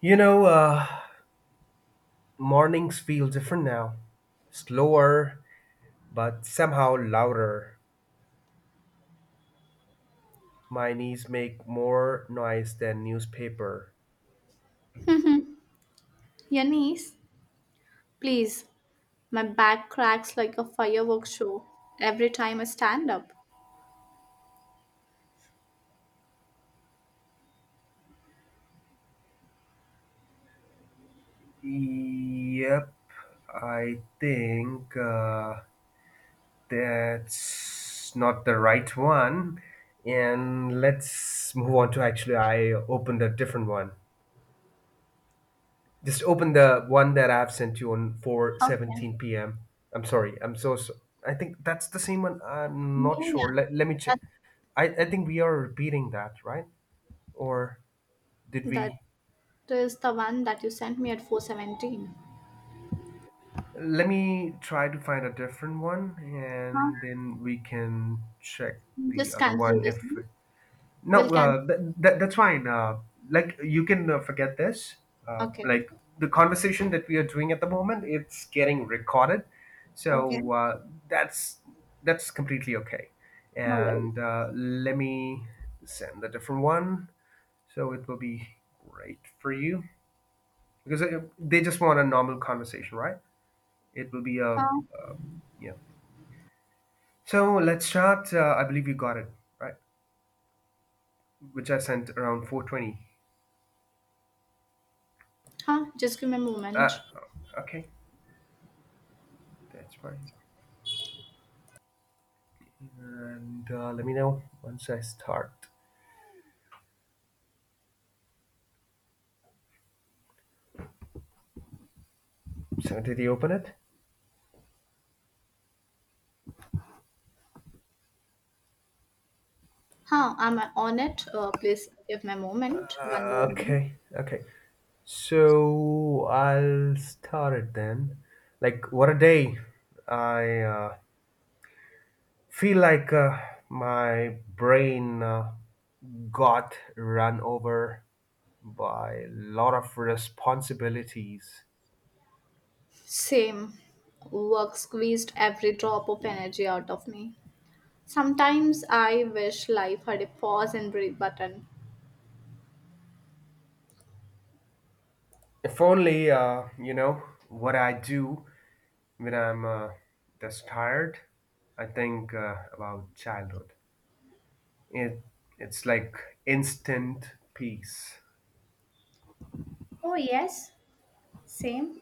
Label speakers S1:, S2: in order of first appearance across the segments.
S1: You know, uh, Mornings feel different now. Slower, but somehow louder. My knees make more noise than newspaper.
S2: Yanis, please. My back cracks like a fireworks show every time I stand up.
S1: Yep, I think, that's not the right one. And let's move on to actually, I opened a different one. Just open the one that I've sent you on
S2: Okay.
S1: 4:17 p.m. I'm sorry. I'm so, so I think that's the same one. I'm not
S2: Yeah,
S1: sure. Let me
S2: yeah.
S1: check. I think we are repeating that, right? Or did
S2: That
S1: we?
S2: that is the one that you sent me at 4:17.
S1: Let me try to find a different one
S2: Huh?
S1: and then we can check the
S2: Just
S1: other
S2: cancel
S1: one
S2: this
S1: if.
S2: one. We'll
S1: No,
S2: cancel.
S1: that's fine. Like you can forget this.
S2: Okay.
S1: Like the conversation that we are doing at the moment, it's getting recorded,
S2: Okay.
S1: so that's completely okay.
S2: No worries.
S1: And let me send a different one, so it will be great for you because they just want a normal conversation, right? It will be a
S2: Huh?
S1: yeah. So let's start. I believe you got it right, which I sent around 4:20.
S2: Huh? Just give me a moment.
S1: Uh, okay. That's fine. And let me know once I start. So did you open it?
S2: Huh? I'm on it. Please give me a moment. One more minute.
S1: Okay, okay. So I'll start it then. Like what a day! I feel like my brain got run over by a lot of responsibilities.
S2: Same. Work squeezed every drop of energy out of me. Sometimes I wish life had a pause and breathe button.
S1: If only you know what I do. When I'm just tired, I think about childhood. It it's like instant peace.
S2: Oh, yes, same.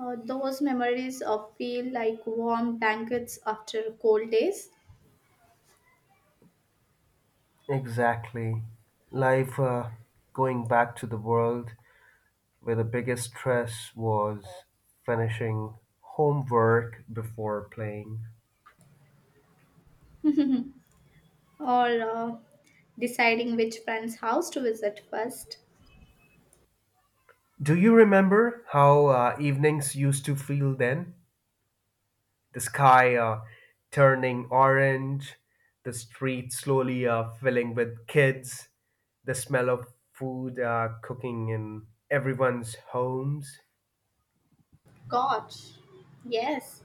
S2: Those memories of feel like warm blankets after cold days,
S1: Exactly. Life, going back to the world where the biggest stress was finishing homework before playing.
S2: or deciding which friend's house to visit first.
S1: Do you remember how evenings used to feel then? The sky, turning orange, the street slowly filling with kids, the smell of food, cooking in everyone's homes.
S2: Gosh, yes,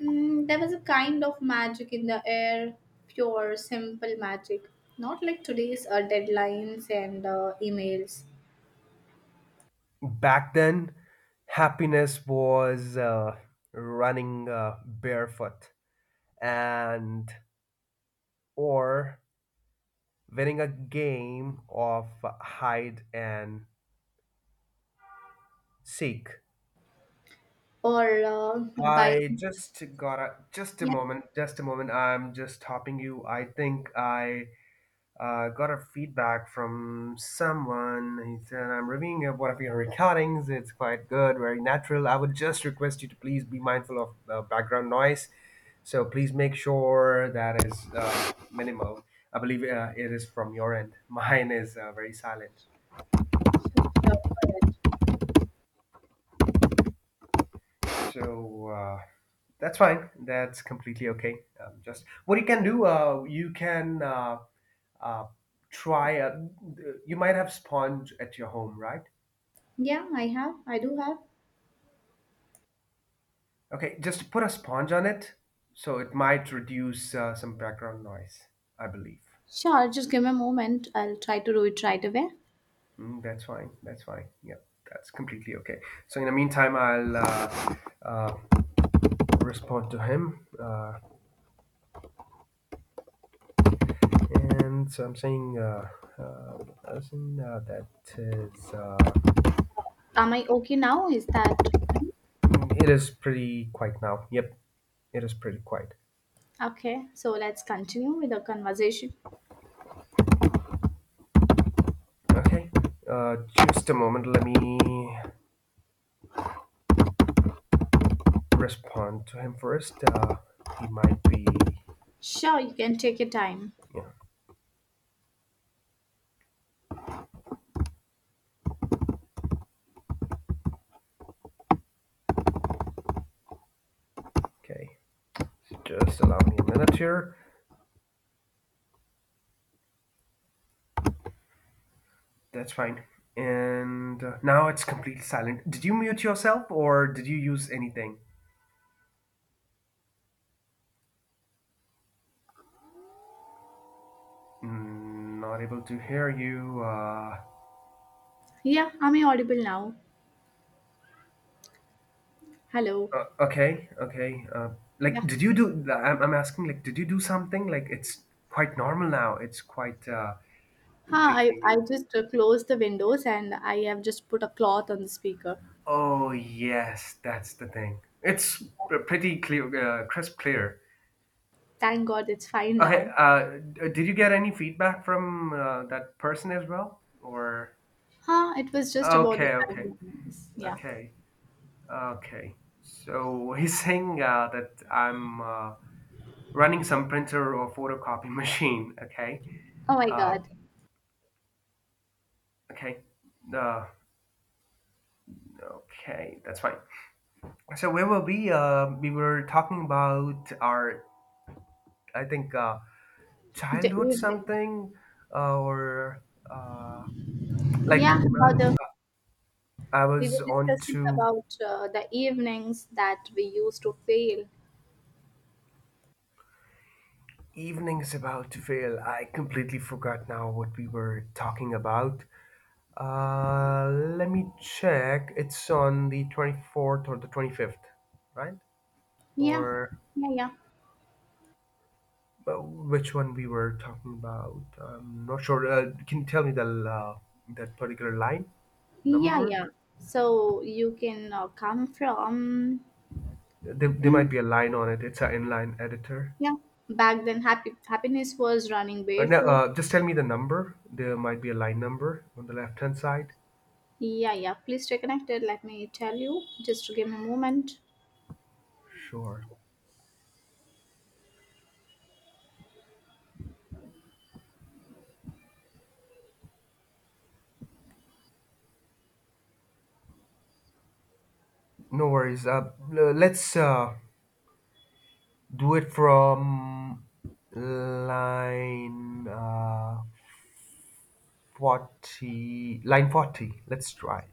S2: there was a kind of magic in the air, pure, simple magic. Not like today's deadlines and emails,
S1: Back then, happiness was running barefoot and or winning a game of hide and seek.
S2: or by,
S1: I just got a just a
S2: yeah,
S1: moment, just a moment. I'm just stopping you. I think I got a feedback from someone. He said, I'm reviewing up one of your recordings. It's quite good, very natural. I would just request you to please be mindful of background noise. So please make sure that is minimal. I believe it is from your end. Mine is very silent.
S2: sure, sure, go ahead.
S1: So that's fine. That's completely okay. Just what you can do, you can uh, try. You might have sponge at your home, right?
S2: Yeah, I have. I do have.
S1: Okay, just put a sponge on it, so it might reduce some background noise, I believe.
S2: Sure, just give me a moment. I'll try to do it right away.
S1: Mm, that's fine. That's fine. Yep, that's completely okay. So in the meantime, I'll uh, respond to him, and so I'm saying, uh, person that is,
S2: Am I okay now? Is that?
S1: it is pretty quiet now. Yep, it is pretty quiet.
S2: Okay, so let's continue with the conversation.
S1: Okay, uh, just a moment. Let me respond to him first. He might be,
S2: Sure, you can take your time.
S1: yeah, okay. Just allow me a minute here. That's fine. And now it's completely silent. Did you mute yourself or did you use anything? Mm, not able to hear you.
S2: Yeah, I'm audible now. Hello.
S1: Okay, okay.
S2: Yeah.
S1: Like, did you do? I'm asking, like, did you do something? Like, it's quite normal now. It's quite
S2: Ah, I
S1: completely.
S2: just closed the windows and I have just put a cloth on the speaker.
S1: Oh, yes, that's the thing. It's pretty clear, crisp clear.
S2: Thank God it's fine
S1: Okay,
S2: now.
S1: did you get any feedback from that person as well? Or.
S2: Huh, it was just about the
S1: Okay,
S2: five
S1: okay,
S2: minutes. Yeah.
S1: okay, okay. So he's saying that I'm running some printer or photocopy machine. Okay,
S2: Oh my
S1: uh,
S2: God.
S1: okay, uh, okay. That's fine. So where were we? We were talking about our, I think,
S2: The
S1: childhood
S2: evening.
S1: something, or uh, like
S2: Yeah, about the.
S1: I
S2: We were
S1: was on
S2: discussing
S1: to
S2: about the evenings that we used to fail.
S1: evenings about to fail. I completely forgot now what we were talking about. Uh, Let me check. It's on the 24th or the 25th, right?
S2: Yeah,
S1: Or
S2: yeah, yeah,
S1: but which one we were talking about? I'm not sure. Can you tell me the that particular line
S2: yeah,
S1: number?
S2: yeah. So you can come from.
S1: There
S2: Hmm,
S1: might be a line on it. It's an inline editor.
S2: yeah. Back then, happy happiness was running
S1: No,
S2: barefoot.
S1: just tell me the number. There might be a line number on the left-hand side.
S2: Yeah, yeah. Please stay connected. Let me tell you. Just give me a moment.
S1: Sure. No worries. Let's do it from line. 40, line 40, let's try,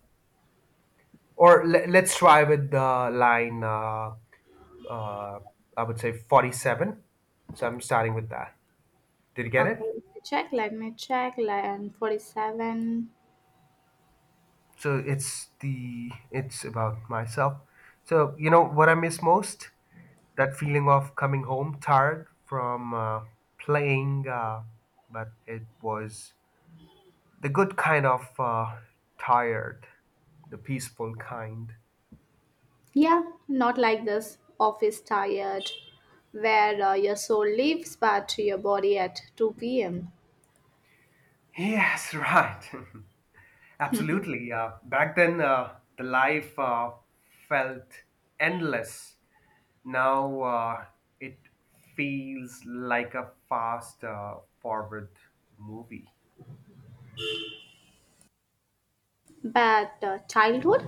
S1: or let's try with the line, uh, I would say 47. So I'm starting with that. Did you get it?
S2: Okay, let me check. Let me check. Line 47.
S1: So it's about myself. So you know what I miss most, that feeling of coming home tired from playing, but it was the good kind of tired, the peaceful kind.
S2: Yeah, not like this. Office tired, where your soul lives, but your body at 2 p.m.
S1: Yes, right. Absolutely. Back then, the life felt endless. Now it feels like a fast forward movie.
S2: But childhood,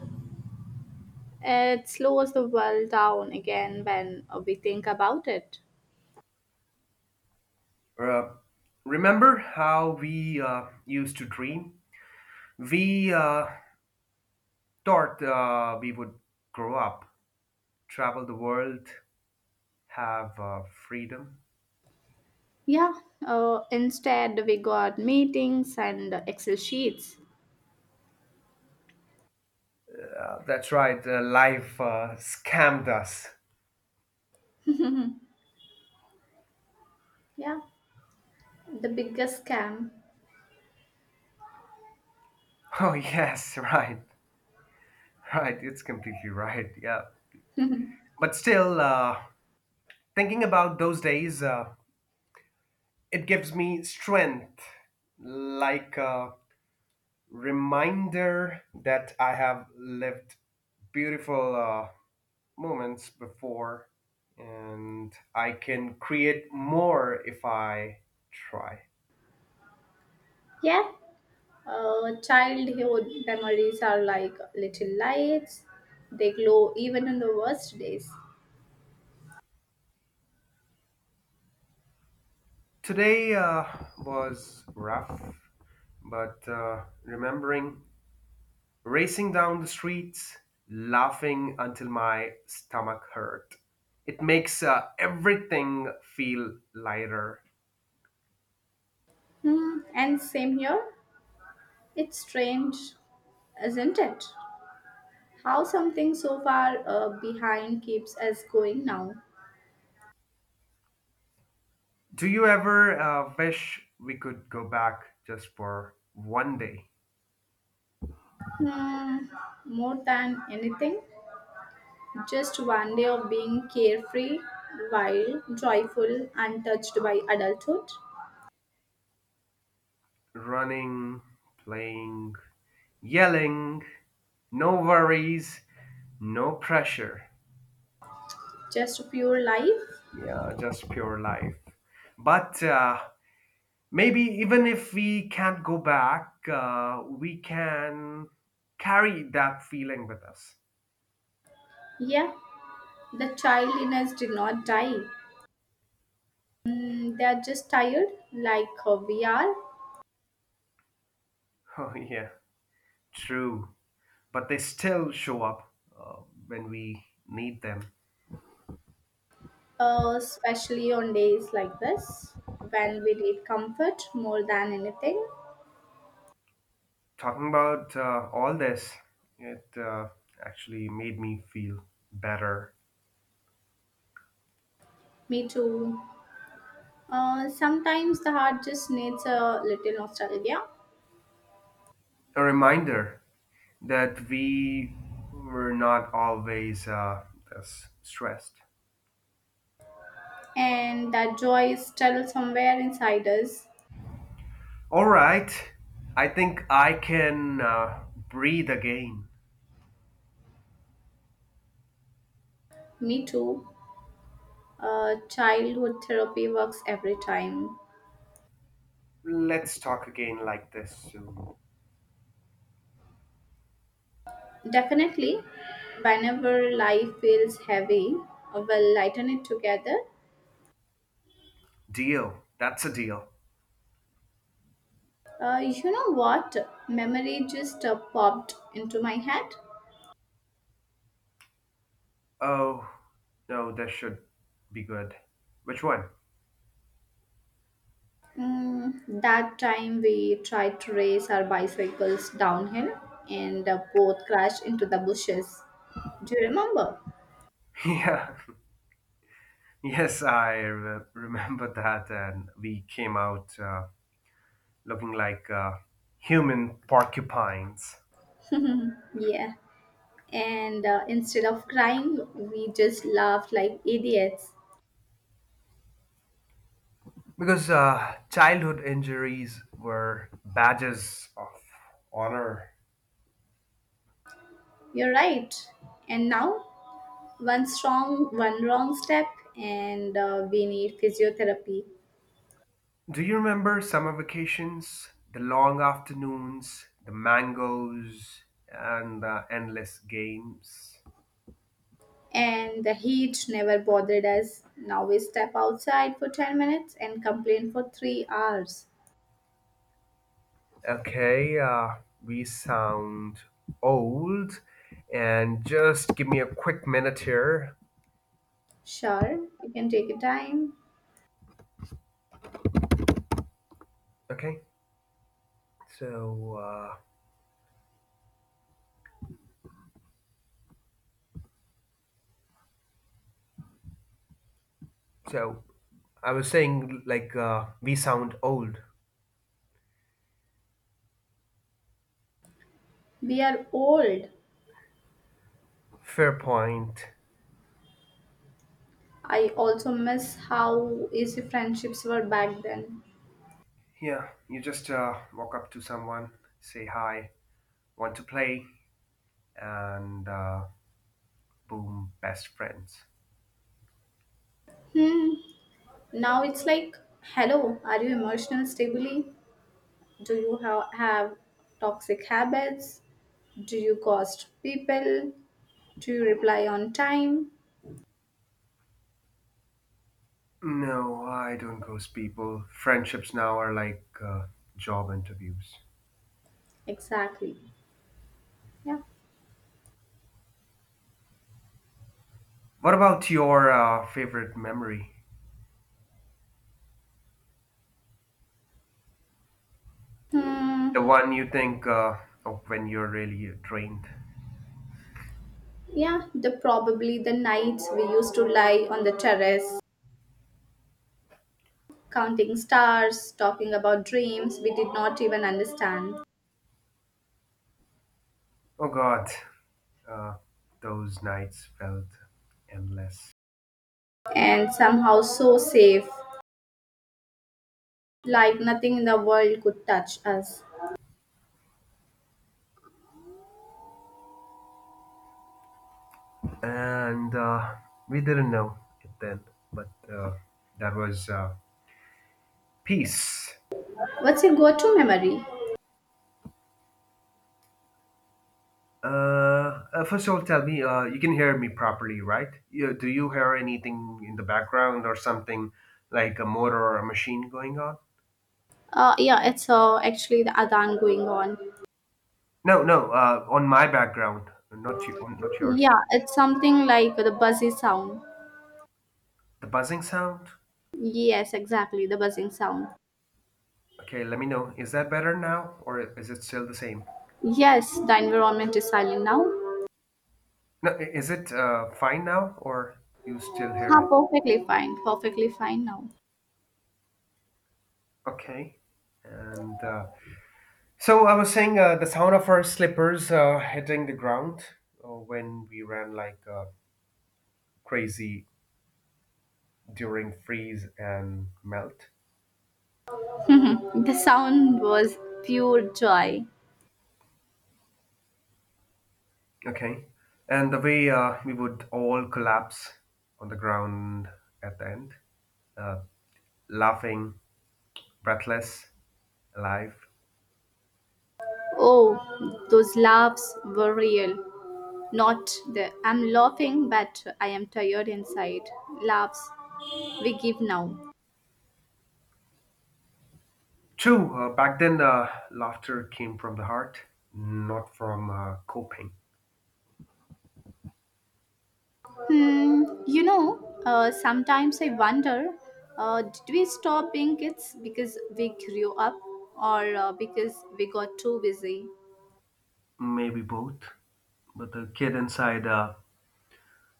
S2: it slows the world down again when we think about it.
S1: Uh, Remember how we used to dream? We thought we would grow up, travel the world, have freedom.
S2: Yeah, instead, we got meetings and Excel sheets.
S1: That's right, life scammed us.
S2: Yeah, the biggest scam.
S1: Oh, yes, right. Right, it's completely right. Yeah. But still, thinking about those days, it gives me strength, like a reminder that I have lived beautiful, moments before and I can create more if I try.
S2: Yeah, childhood memories are like little lights, they glow even on the worst days.
S1: Today was rough, but remembering racing down the streets, laughing until my stomach hurt. It makes everything feel lighter.
S2: Hmm, and same here, it's strange, isn't it? How something so far behind keeps us going now.
S1: Do you ever wish we could go back just for one day?
S2: Hmm, more than anything, just one day of being carefree, wild, joyful, untouched by adulthood.
S1: Running, playing, yelling, no worries, no pressure.
S2: Just pure life.
S1: Yeah, just pure life. But maybe even if we can't go back, we can carry that feeling with us.
S2: Yeah, the child in us did not die. Mm, they are just tired, like we are,
S1: Oh, yeah, true. But they still show up when we need them.
S2: especially on days like this when we need comfort more than anything.
S1: Talking about all this, it actually made me feel better.
S2: Me too. Sometimes the heart just needs a little nostalgia.
S1: A reminder that we were not always this stressed.
S2: And that joy is still somewhere inside us.
S1: All right, I think I can breathe again.
S2: Me too. Childhood therapy works every time.
S1: Let's talk again like this soon.
S2: Definitely, whenever life feels heavy, we'll lighten it together.
S1: Deal. That's a deal.
S2: You know what? Memory just popped into my head.
S1: Oh, no, this should be good. Which one?
S2: Mm, that time we tried to race our bicycles downhill and both crashed into the bushes. Do you remember?
S1: Yeah, yes, I remember that, and we came out looking like human porcupines.
S2: Yeah. And instead of crying, we just laughed like idiots.
S1: Because childhood injuries were badges of honor.
S2: You're right, and now, one wrong step, and we need physiotherapy.
S1: Do you remember summer vacations? The long afternoons, the mangoes, and the endless games.
S2: And the heat never bothered us. Now we step outside for 10 minutes and complain for 3 hours.
S1: Okay, we sound old, and just give me a quick minute here.
S2: Sure, you can take your time.
S1: Okay, so so I was saying like we sound old.
S2: We are old.
S1: Fair point.
S2: I also miss how easy friendships were back then.
S1: Yeah, you just walk up to someone, say hi, want to play, and boom, best friends.
S2: Hmm, now it's like, hello, are you emotional stably? Do you have toxic habits? Do you ghost people? Do you reply on time?
S1: No, I don't ghost people. Friendships now are like job interviews.
S2: Exactly. Yeah.
S1: What about your favorite memory?
S2: Hmm.
S1: The one you think of when you're really drained?
S2: Yeah, the probably the nights we used to lie on the terrace, counting stars, talking about dreams we did not even understand,
S1: Oh God, uh, those nights felt endless.
S2: and somehow so safe, like nothing in the world could touch us.
S1: And we didn't know it then, but that was peace.
S2: What's your go-to memory?
S1: Uh, First of all, tell me, you can hear me properly, right? Do you hear anything in the background or something like a motor or a machine going on?
S2: Yeah, it's actually the adhan going on.
S1: No, no, on my background, not you, not yours.
S2: Yeah, it's something like the buzzy sound.
S1: The buzzing sound?
S2: Yes, exactly, the buzzing sound.
S1: Okay, let me know. Is that better now or is it still the same?
S2: Yes, the environment is silent now.
S1: No, is it fine now or you still hear
S2: Ah,
S1: it?
S2: perfectly fine now.
S1: Okay. And so I was saying the sound of our slippers hitting the ground when we ran like crazy during freeze and melt.
S2: The sound was pure joy.
S1: Okay. And the way we would all collapse on the ground at the end, uh, laughing, breathless, alive.
S2: Oh, those laughs were real. Not the, "I'm laughing, but I am tired inside," laughs we give now.
S1: True, back then laughter came from the heart, not from coping.
S2: Hmm, sometimes I wonder, did we stop being kids because we grew up, or because we got too busy?
S1: Maybe both, but the kid inside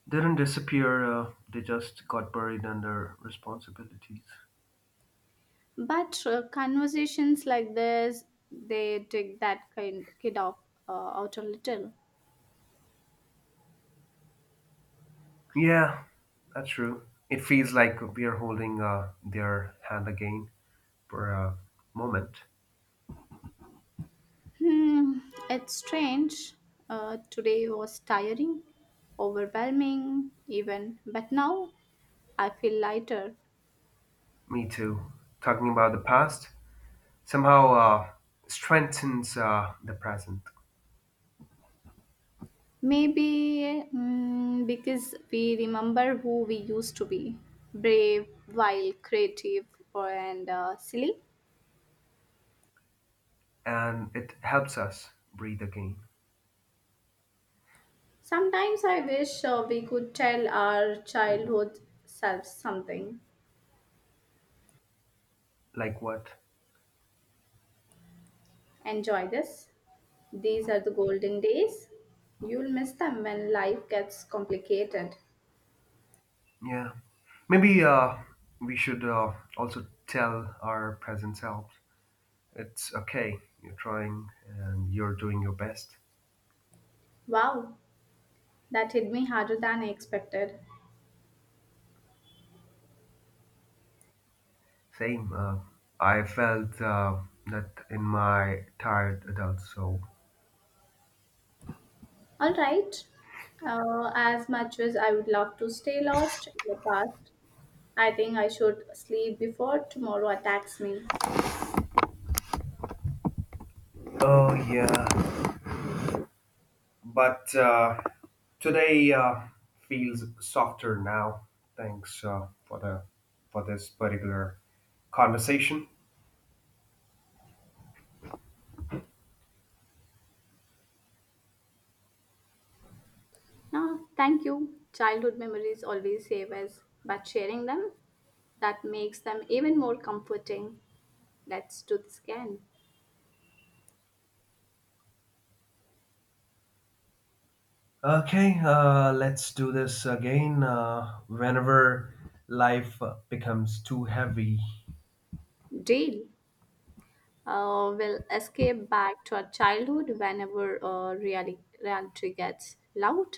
S1: didn't disappear, they just got buried under responsibilities.
S2: But conversations like this, they take that kind kid off, out a little.
S1: Yeah, that's true. It feels like we are holding their hand again for a moment.
S2: Hmm, it's strange. Today was tiring, overwhelming, even, but now I feel lighter.
S1: Me too. Talking about the past somehow strengthens the present
S2: Maybe because we remember who we used to be: brave, wild, creative, and silly.
S1: and it helps us breathe again.
S2: Sometimes I wish we could tell our childhood selves something.
S1: Like what?
S2: Enjoy this. These are the golden days. You'll miss them when life gets complicated.
S1: Yeah. Maybe we should also tell our present selves it's okay, you're trying and you're doing your best.
S2: Wow, that hit me harder than I expected.
S1: Same. I felt that in my tired adult soul.
S2: All right. As much as I would love to stay lost in the past, I think I should sleep before tomorrow attacks me.
S1: Oh yeah, but today feels softer now. Thanks for the for this particular conversation.
S2: No, thank you. Childhood memories always save us, but sharing them, that makes them even more comforting. Let's do this again.
S1: Okay, let's do this again whenever life becomes too heavy.
S2: Deal. We'll escape back to our childhood whenever reality gets loud.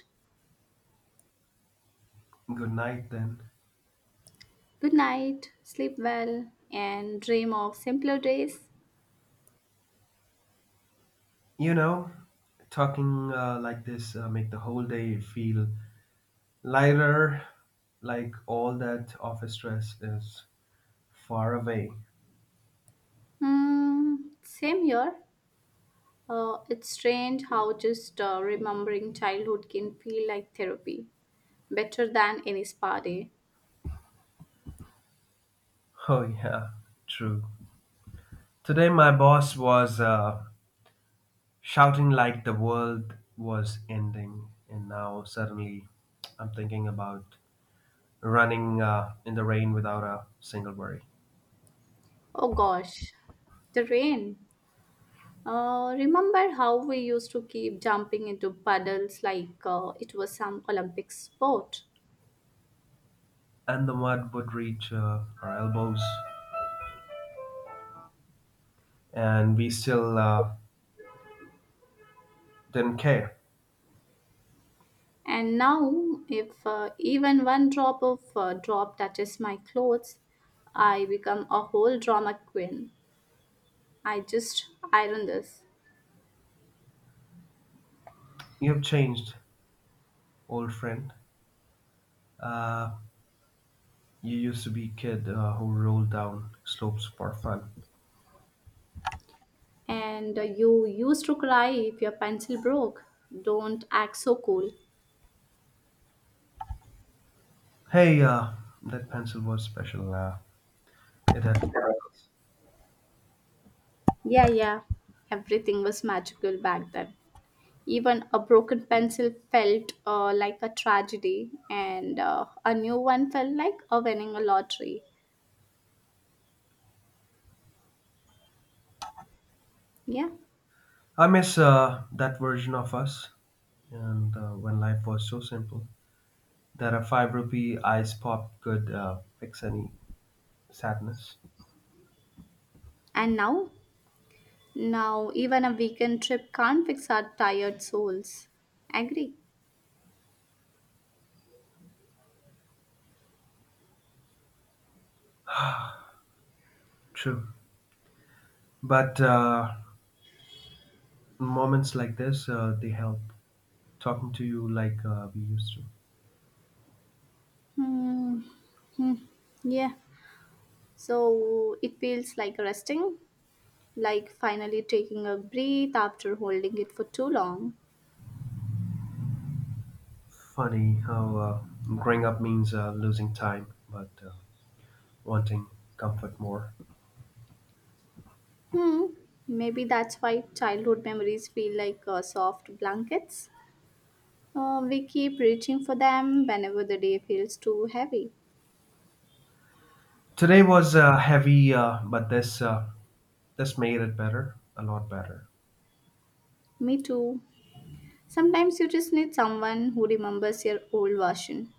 S1: Good night then.
S2: Good night, sleep well, and dream of simpler days.
S1: You know, talking like this make the whole day feel, Lyra, like all that office stress, is far away.
S2: Hmm. Same here. It's strange how just remembering childhood can feel like therapy, better than any spa day.
S1: Oh, yeah, true. Today, my boss was shouting like the world was ending, and now suddenly I'm thinking about running in the rain without a single worry.
S2: Oh gosh, the rain. Remember how we used to keep jumping into puddles like it was some Olympic sport?
S1: And the mud would reach our elbows, and we still didn't care.
S2: And now, if even one drop touches my clothes, I become a whole drama queen. I just iron this.
S1: You've changed, old friend. Uh, You used to be kid who rolled down slopes for fun.
S2: And you used to cry if your pencil broke. Don't act so cool.
S1: Hey, that pencil was special. It had sparkles.
S2: Yeah, yeah. Everything was magical back then. Even a broken pencil felt like a tragedy, and a new one felt like a winning a lottery. Yeah.
S1: I miss that version of us, and when life was so simple that a five rupee ice pop could fix any sadness.
S2: And now? Now, even a weekend trip can't fix our tired souls. Agree?
S1: True, but moments like this they help. Talking to you like we used to.
S2: Hmm. Hmm. Yeah. So it feels like resting, like finally taking a breath after holding it for too long.
S1: Funny how growing up means losing time, but wanting comfort more.
S2: Hmm, maybe that's why childhood memories feel like soft blankets. We keep reaching for them whenever the day feels too heavy.
S1: Today was heavy, but this made it better, a lot better.
S2: Me too. Sometimes you just need someone who remembers your old version,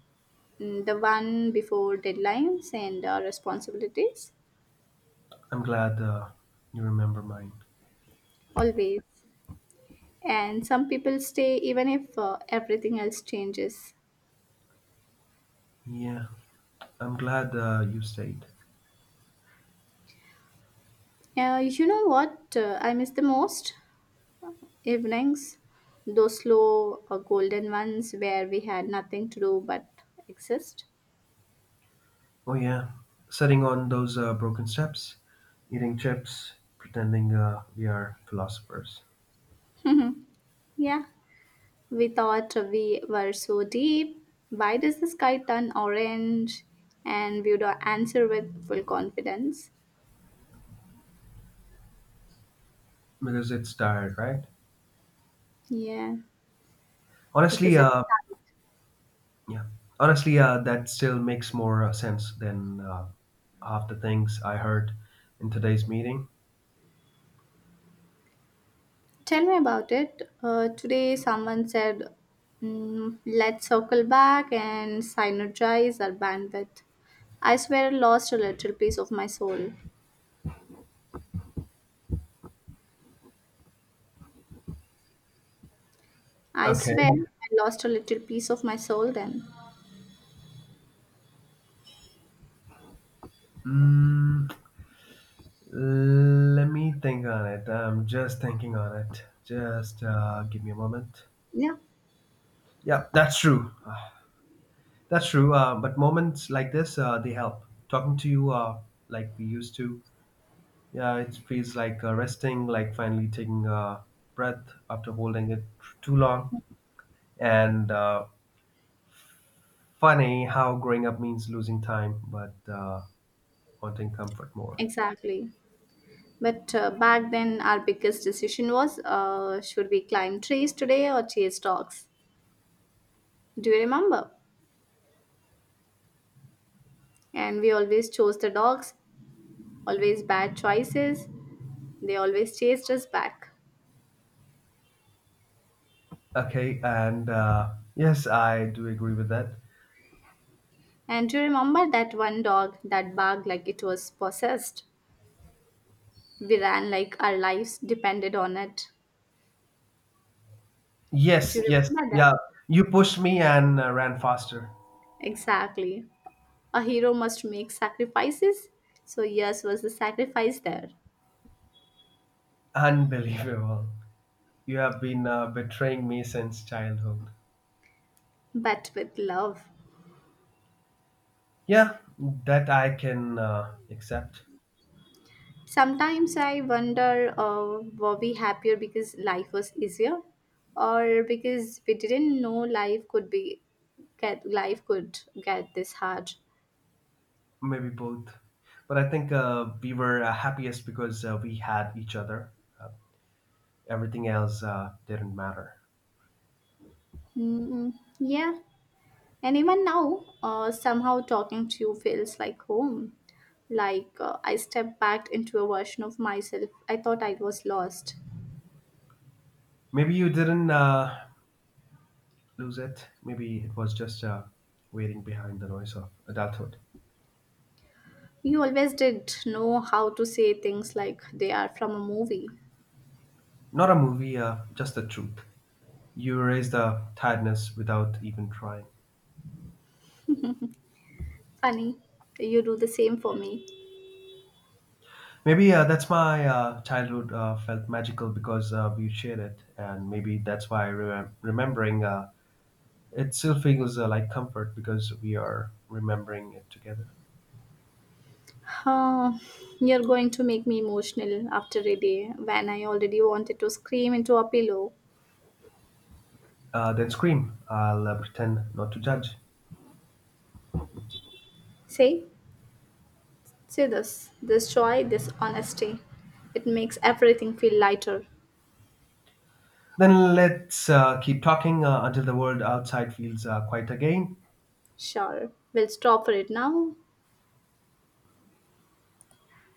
S2: mm, the one before deadlines and responsibilities,
S1: I'm glad you remember mine.
S2: always. And some people stay even if everything else changes.
S1: Yeah, I'm glad you stayed.
S2: You know what I miss the most? Evenings, those slow golden ones where we had nothing to do but exist.
S1: Oh yeah, sitting on those broken steps, eating chips, pretending we are philosophers
S2: Yeah, we thought we were so deep. Why does the sky turn orange? And we would answer with full confidence.
S1: because it's tired, right?
S2: Yeah,
S1: Honestly,
S2: because it's sunny.
S1: yeah, that still makes more sense than half the things I heard in today's meeting.
S2: Tell me about it. Today, someone said, "Let's circle back and synergize our bandwidth." I swear I lost a little piece of my soul. I swear
S1: Okay.
S2: I lost a little piece of my soul then.
S1: Mm, let me think on it. I'm just thinking on it. Just give me a moment.
S2: Yeah,
S1: Yeah, that's true. Ah, that's true. But moments like this, they help. Talking to you, like we used to. Yeah, it feels like resting, like finally taking a breath after holding it too long. And funny how growing up means losing time, but wanting comfort more.
S2: exactly. But back then, our biggest decision was should we climb trees today or chase dogs? Do you remember? And we always chose the dogs, always bad choices. They always chased us back.
S1: Okay, and yes, I do agree with that.
S2: And do you remember that one dog that barked like it was possessed? We ran like our lives depended on it. Do
S1: Yes,
S2: you
S1: yes,
S2: remember?
S1: yeah. You pushed me and ran faster.
S2: Exactly. A hero must make sacrifices. So, yes, was the sacrifice there,
S1: Unbelievable. You have been betraying me since childhood.
S2: but with love.
S1: Yeah, that I can accept.
S2: Sometimes I wonder, were we happier because life was easier, or because we didn't know life could be get life could get this hard.
S1: Maybe both. But I think we were happiest because we had each other. Uh, Everything else didn't matter.
S2: Mm. Yeah. And even now, somehow talking to you feels like home. Like I stepped back into a version of myself I thought I was lost.
S1: Maybe you didn't lose it. Maybe it was just waiting behind the noise of adulthood.
S2: You always did know how to say things like they are from a movie.
S1: Not a movie, just the truth. You erase the tiredness without even trying.
S2: Funny, you do the same for me.
S1: Maybe that's my childhood felt magical because we shared it, and maybe that's why remembering it still feels like comfort because we are remembering it together.
S2: Huh, you're going to make me emotional after a day when I already wanted to scream into a pillow.
S1: Then scream. I'll pretend not to judge.
S2: Say, say this joy, this honesty. It makes everything feel lighter.
S1: Then let's keep talking until the world outside feels quiet again.
S2: Sure, we'll stop for it now.